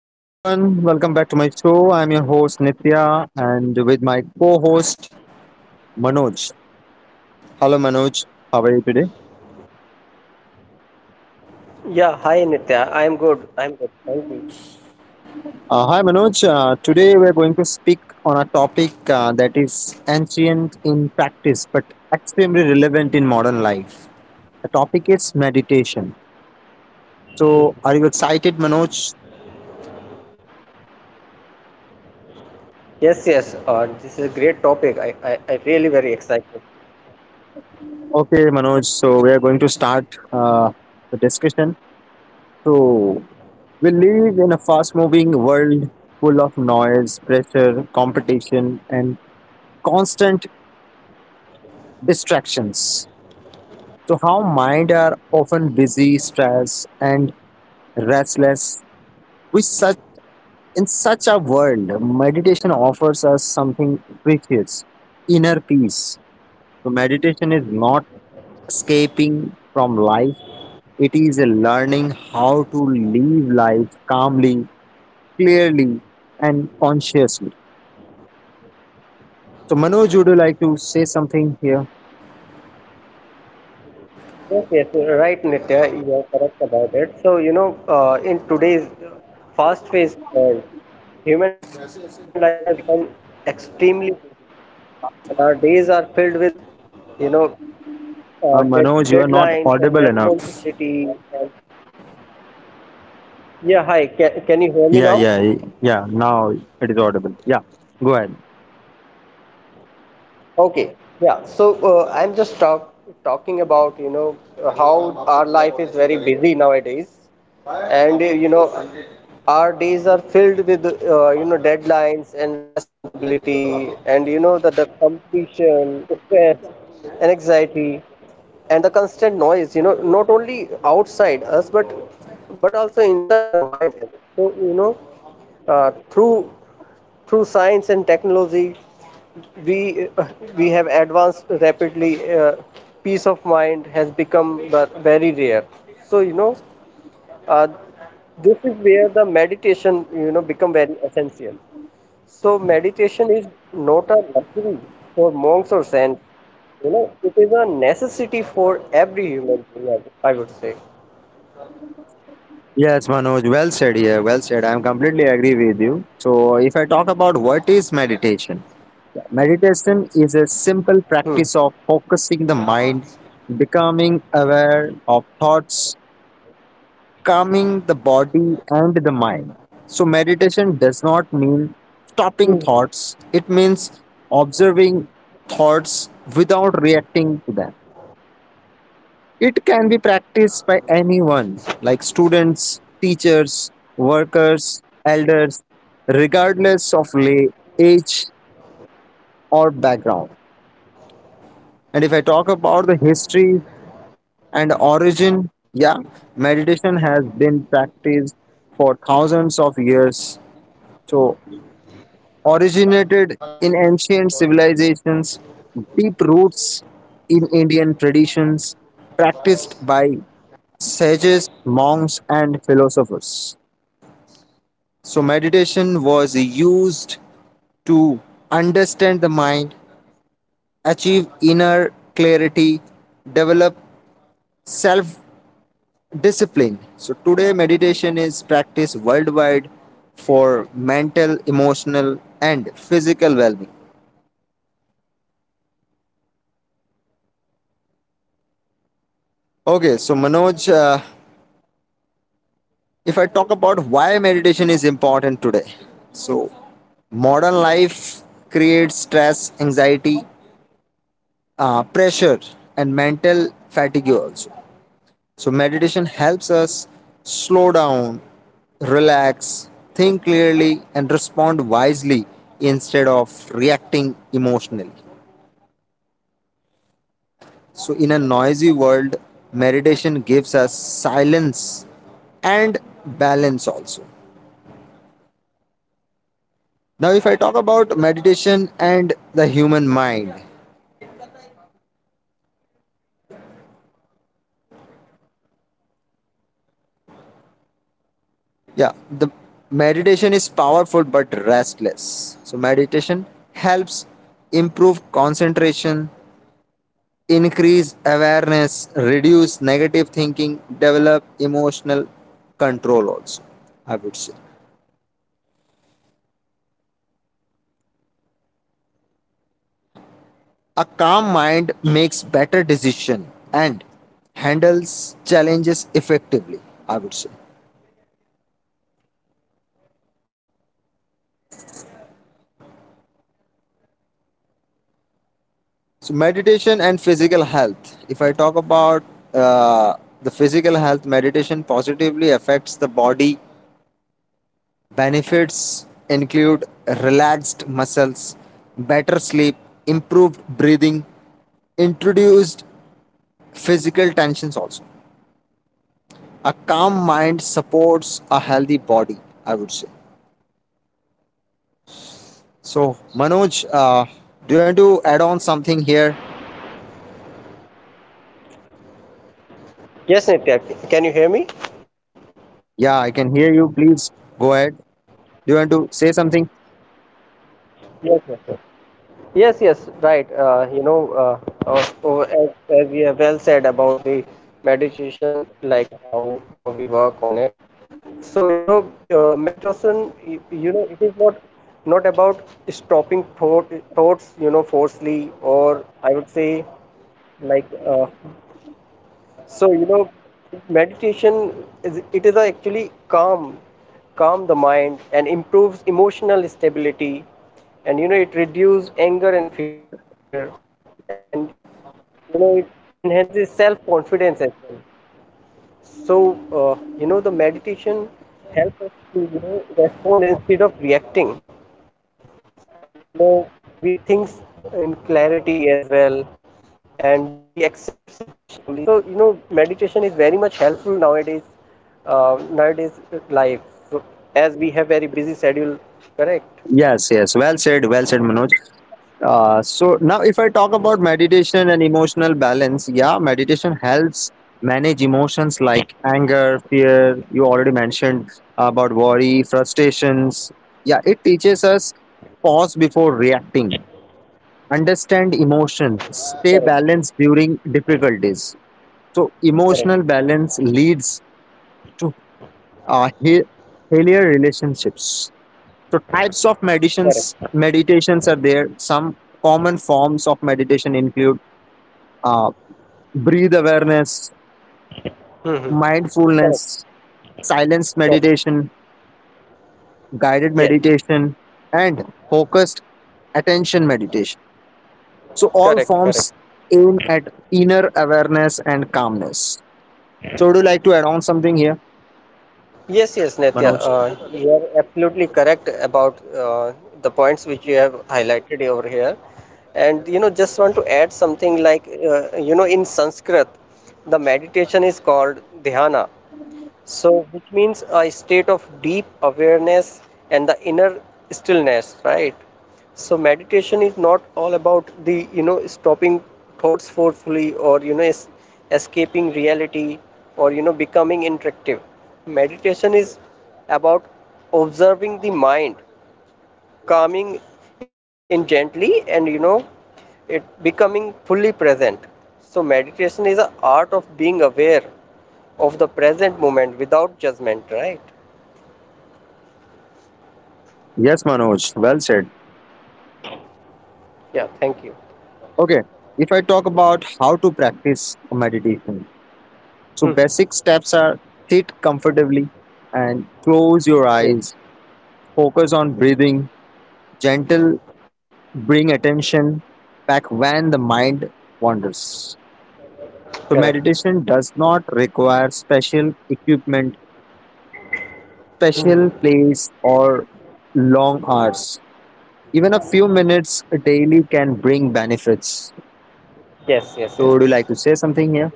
Hi everyone, welcome back to my show. I'm your host Nitya and with my co host Manoj. Hello Manoj, how are you today? Yeah, hi Nitya. I am good. I am good. Thank you. Hi Manoj, today we're going to speak on a topic that is ancient in practice but extremely relevant in modern life. The topic is meditation. So, are you excited, Manoj? Yes, yes. This is a great topic. I really very excited. Okay, Manoj, so we are going to start the discussion. So, we live in a fast moving world full of noise, pressure, competition, and constant distractions. So, how mind are often busy, stressed, and restless. We such in such a world, meditation offers us something precious, inner peace. So meditation is not escaping from life, it is a learning how to live life calmly, clearly, and consciously. So, Manoj, would you like to say something here? Yes, yes, you're right, Nitya. You are correct about it. In today's fast-paced world, human life has become extremely busy, and our days are filled with, you know, Manoj, you are not deadlines and audible enough. responsibilities. And yeah, hi. Can you hear me Yeah, now? yeah, yeah. Now it is audible. Yeah, go ahead. Okay, yeah. So I'm talking about how our life is very busy nowadays, and our days are filled with deadlines and responsibility, and the competition, stress, and anxiety, and the constant noise. You know, not only outside us but also inside our mind as well. Uh, through through science and technology, we uh, we have advanced rapidly. Uh, peace of mind has become very rare. So you know, uh, this is where the meditation become very essential. So meditation is not a luxury for monks or saints. You know, it is a necessity for every human being, I would say. Yes, Manoj, well said here. Well said. I am completely agree with you. So, if I talk about what is meditation, meditation is a Hmm. simple practice of focusing the mind, becoming aware of thoughts calming the body and the mind. So, meditation does not mean Hmm. stopping thoughts, it means observing thoughts without reacting to them. It can be practiced by anyone, like students, teachers, workers, elders, regardless of lay, age, or background. And if I talk about the history and origin, yeah, meditation has been practiced for thousands of years. So originated in ancient civilizations, deep roots in Indian traditions, practiced by sages, monks, and philosophers. So, meditation was used to understand the mind, achieve inner clarity, develop self discipline. So, today, meditation is practiced worldwide for mental, emotional, and physical well being. Okay, so Manoj, if I talk about why meditation is important today, so modern life creates stress, anxiety, pressure, and mental fatigue also. So, meditation helps us slow down, relax, think clearly, and respond wisely instead of reacting emotionally. So, in a noisy world, meditation gives us silence and balance also. Now, if I talk about meditation and the human mind, yeah, the meditation is powerful but restless. So, meditation helps improve concentration, increase awareness, reduce negative thinking, develop emotional control also, I would say. A calm mind makes better decision and handles challenges effectively, I would say. So meditation and physical health. If I talk about uh, the physical health, meditation positively affects the body. Benefits include relaxed muscles, better sleep, improved breathing, introduced physical tensions also. A calm mind supports a healthy body, I would say. So Manoj, do you want to add on something here? Nitya. Yes, Nitya, Yeah, I can you can hear hear me? you. Please go ahead. Do you want to say something? Yes, yes, yes. Yes, yes, right. As we have well said about the meditation, like how we work on it. So, you know, meditation, it is not about stopping thoughts, you know, forcefully, or I would say, like, So, you know, Meditation is, it is a actually calm the mind and improves emotional stability, and you know it reduces anger and fear, and you know it enhances self confidence as well. So, you know, the meditation helps us to, you know, respond instead of reacting. And, you know, we think in clarity as well, and we accept situations calmly. So, you know, meditation is very much helpful nowadays, nowadays life. So, as we have very busy schedule, correct? Yes, yes. Well said. Well said, Manoj. So now, if I talk about meditation and emotional balance, yeah, meditation helps manage emotions like anger, fear. You already mentioned about worry, frustrations. Yeah, it teaches us pause before reacting, understand Correct. emotions, stay balanced during difficulties. Correct. So, emotional balance leads to uh, he- healthier relationships so types of Correct. Meditations are there. Some common forms of meditation include uh, breathe awareness, Mm-hmm. Correct. mindfulness, silence Correct. meditation, guided Yes. meditation, and focused attention meditation. So all Correct. Correct. forms aim at inner awareness and calmness. So would you like to add on something here, Yes, yes, Netya, Manoj? You are absolutely correct about the points which you have highlighted over here. And you know, just want to add something like, you know, in Sanskrit, the meditation is called dhyana. So, which means a state of deep awareness and the inner stillness, right? So meditation is not all about the, you know, stopping thoughts forcefully or you know escaping reality or you know becoming interactive. Meditation is about observing the mind, calming in gently, and you know it becoming fully present. So meditation is an art of being aware of the present moment without judgment, right? Yes, Manoj. Well said. Yeah, thank you. Okay. If I talk about how to practice meditation, so Mhm. basic steps are sit comfortably and close your Yeah, eyes. Focus on breathing, gentle, bring attention back when the mind wanders. So correct. meditation does not require special equipment, special Mhm. place or long hours. Even a few minutes daily can bring benefits. Yes, yes, So would you yes. like to say something here?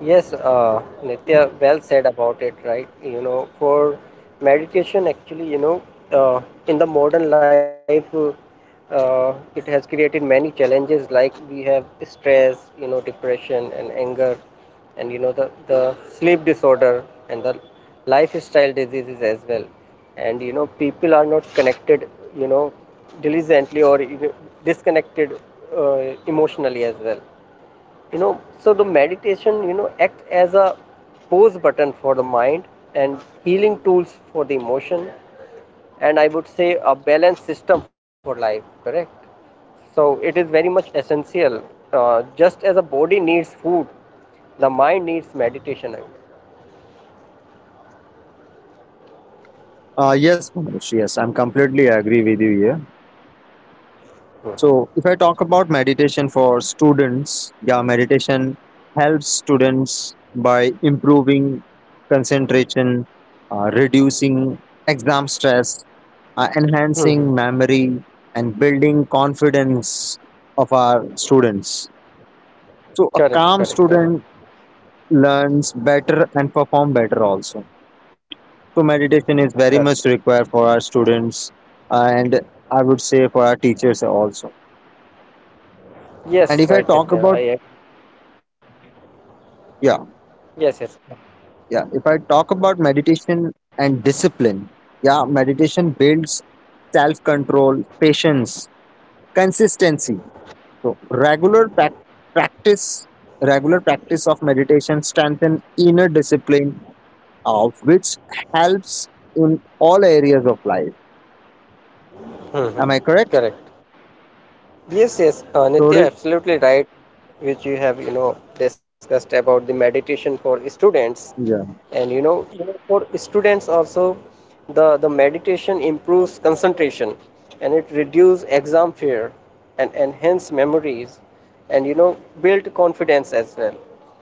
Yes, Nitya, well said about it, right? You know, for meditation, actually, you know, uh, in the modern life, it has created many challenges like we have stress, you know, depression and anger, and you know, the sleep disorder and the lifestyle diseases as well. And you know, people are not connected, you know, diligently, or you know, disconnected emotionally as well, you know. So the meditation, you know, acts as a pause button for the mind and healing tools for the emotion, and I would say a balanced system for life, correct? So it is very much essential, just as a body needs food, the mind needs meditation, I would Yes, Manoj, yes, I'm completely agree with you here. So, if I talk about meditation for students, yeah, meditation helps students by improving concentration, reducing exam stress, say. enhancing Mhm. memory, and building confidence of our students. So, a Correct, calm correct, correct. student learns better and perform better also. So, meditation is very Correct. much required for our students, and I would say for our teachers also. And Yes, if I right, talk Nitya. about yeah Yes, yes. yeah if I talk about meditation and discipline, yeah, meditation builds self control patience consistency. So regular prac- practice regular practice of meditation strengthen inner discipline of which helps in all areas of life. Mhm. Am I correct Correct. Yes, yes, Nitya, Rodit? absolutely right, which you have, you know, discussed about the meditation for students. Yeah, And, you know, for students also, the meditation improves concentration and it reduces exam fear and enhance memories and, you know, build confidence as well.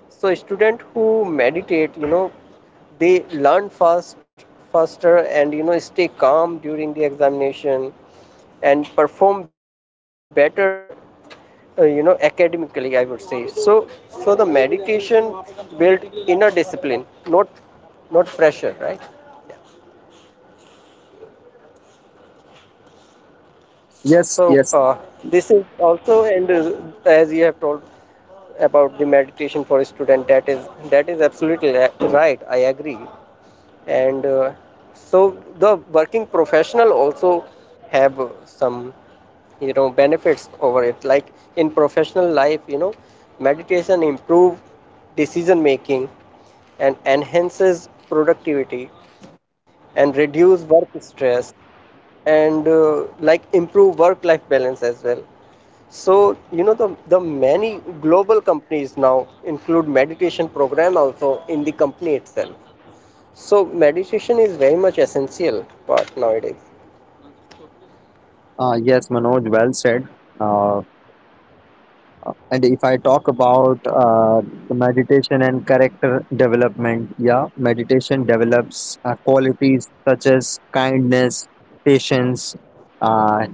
So student who meditate, you know, they learn fast faster and you know stay calm during the examination and perform better, you know, academically, I would say. So so the meditation built inner discipline, not not pressure, right? Yeah. yes, So yes. This is also, and as you have told about the meditation for a student, that is, that is absolutely right, I agree. And so the working professional also have some, you know, benefits over it, like in professional life, you know, meditation improve decision making and enhances productivity and reduce work stress and like improve work life balance as well. So, you know, the many global companies now include meditation program also in the company itself. So meditation is very much essential part nowadays. Yes Manoj, well said. Uh, And if I talk about meditation and character development, yeah, meditation develops qualities such as kindness, patience, uh,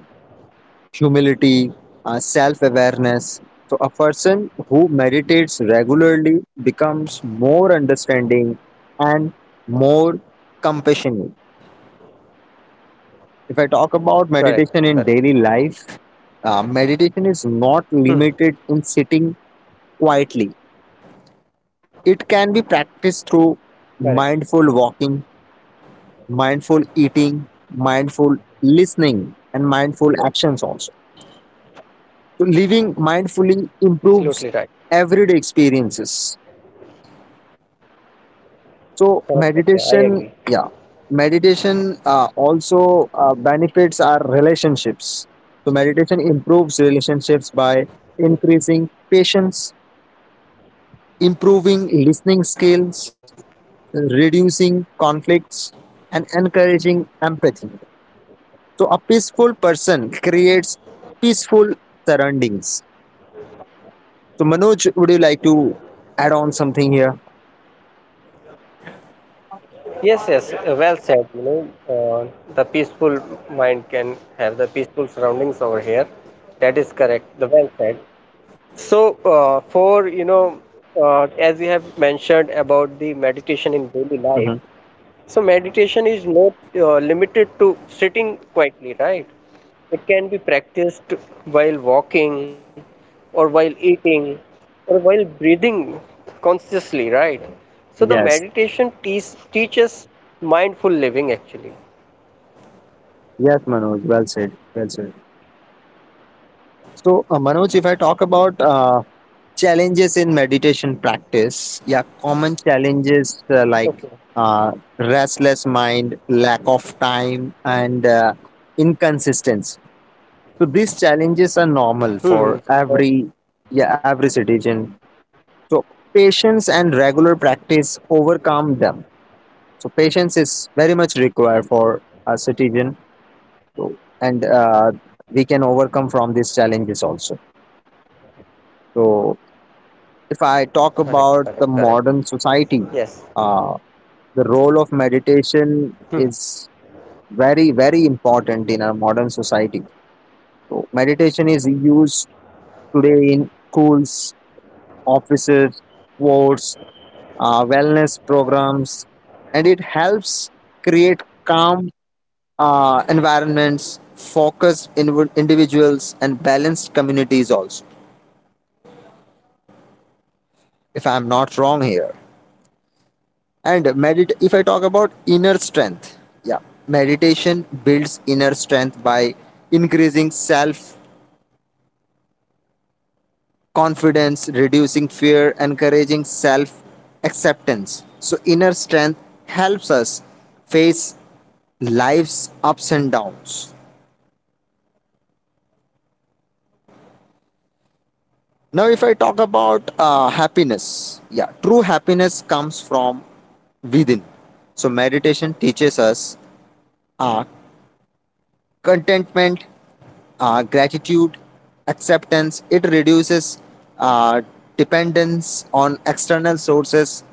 humility, self awareness. So, a person who meditates regularly becomes more understanding and more compassionate. If I talk about Correct, correct. meditation in daily life, meditation is Hmm. not limited in sitting quietly. It can be Correct. practiced through mindful walking, mindful eating, mindful listening, and mindful Yes, actions also. So, living mindfully improves absolutely right. everyday experiences. So, Correct, Satya, I meditation, agree. yeah, meditation also benefits our relationships. So, meditation improves relationships by increasing patience, improving listening skills, reducing conflicts, and encouraging empathy. So, a peaceful person creates peaceful surroundings. So, Manoj, would you like to add on something here? Yes, yes, well said. You know, the peaceful mind can have the peaceful surroundings over here. That is correct. The well said. So, as you have mentioned about the meditation in daily Mhm. life, so meditation is not limited to sitting quietly, right? It can be practiced while walking, or while eating, or while breathing consciously, right? So the Yes, meditation teaches mindful living actually. yes, Manoj, well said, well said. So, Manoj, if I talk about challenges in meditation practice, yeah, common challenges like Okay. uh, restless mind, lack of time, and inconsistency. So these challenges are normal for Hmm. Correct. every yeah every citizen. So patience and regular practice overcome them. So patience is very much required for a citizen, so, and we can overcome from these challenges also. So Correct. if I Correct. talk Correct. about the modern Yes. society, uh, the role of Hmm. meditation is very very important in our modern society. So meditation is used Yeah. today in schools offices, sports, wellness programs, and it helps create calm environments, individuals, and balanced communities. Also, Uh, Not if audible, I'm not Nitya. wrong Can here, can you hear me? and medit. if I talk about Nitya, inner you are not strength, audible. yeah, meditation builds inner strength by increasing Hello, Nitya. self confidence, reducing I fear, I cannot encouraging hear you. Can you self can you hear me? acceptance. So, inner strength helps us face life's ups and downs. Now, if I talk about happiness, yeah, true happiness comes from within. So, meditation teaches us uh, contentment, gratitude, acceptance. It reduces uh, dependence on external sources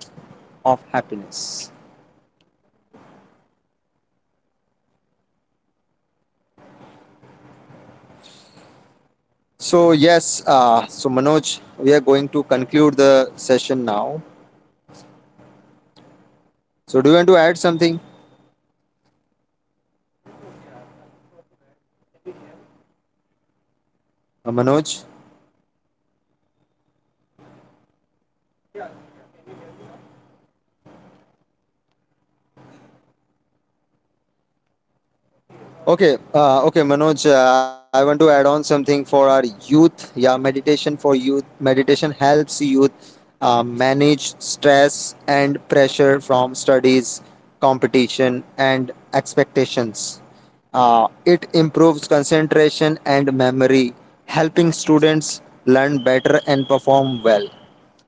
of happiness. So, yes, so Manoj, we are going to conclude the session now. So, do you want to add something, Yes, Nitya. I just want to add. Can you hear me? Manoj? Yeah, Nitya. Can you hear me now? Okay, okay, Okay. Manoj. You can I want to add on something for our youth. Yeah, meditation for youth. Meditation helps youth manage stress and pressure from studies, competition, and expectations. It improves concentration and memory, helping students learn better and perform well.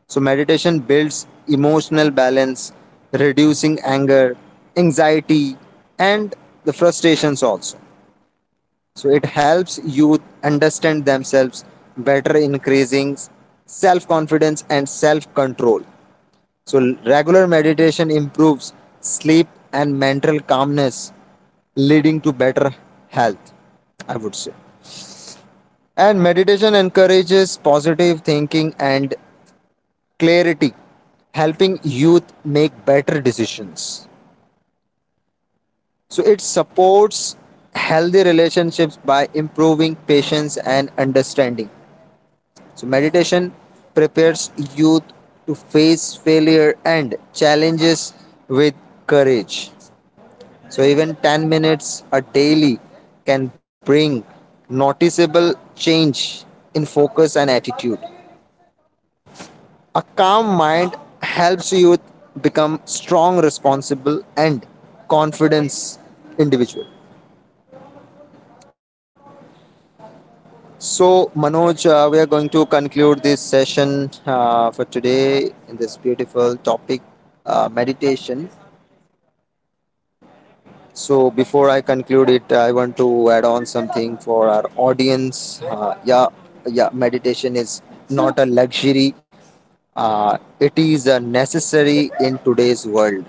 So, meditation builds emotional balance, reducing anger, anxiety, and the frustrations also. So it helps youth understand themselves better, increasing self confidence and self control. So regular meditation improves sleep and mental calmness, leading to better health, I would say. And meditation encourages positive thinking and clarity, helping youth make better decisions. So it supports healthy relationships by improving patience and understanding. So, meditation prepares youth to face failure and challenges with courage. So, even 10 minutes a daily can bring noticeable change in focus and attitude. A calm mind helps youth become strong, responsible, and confident individual. So, Manoj, we are going to conclude this session for today in this beautiful topic, meditation. So, before I conclude it, I want to add on something for our audience. Yeah, yeah, meditation is not a luxury, it is a necessary in today's world.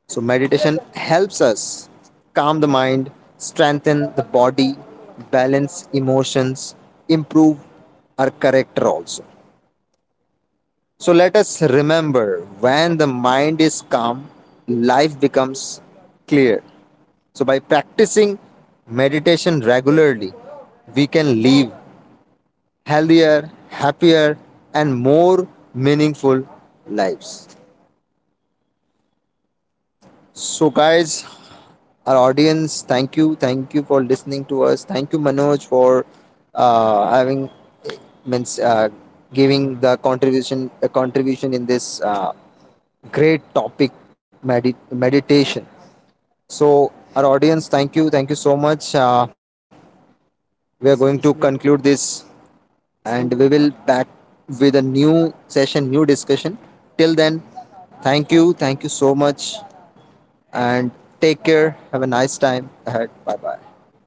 So, meditation helps us calm the mind, strengthen the body, balance emotions, improve our character also. So, let us remember when the mind is calm, life becomes clear. So, by practicing meditation regularly, we can live healthier, happier, and more meaningful lives. So, guys, our audience, thank you for listening to us. Thank you, Manoj, for having means giving the contribution a contribution in this great topic meditation. So, our audience, thank you so much. We are going to conclude this, and we will back with a new session, new discussion. Till then, thank you so much. And take care. Have a nice time ahead. Bye bye.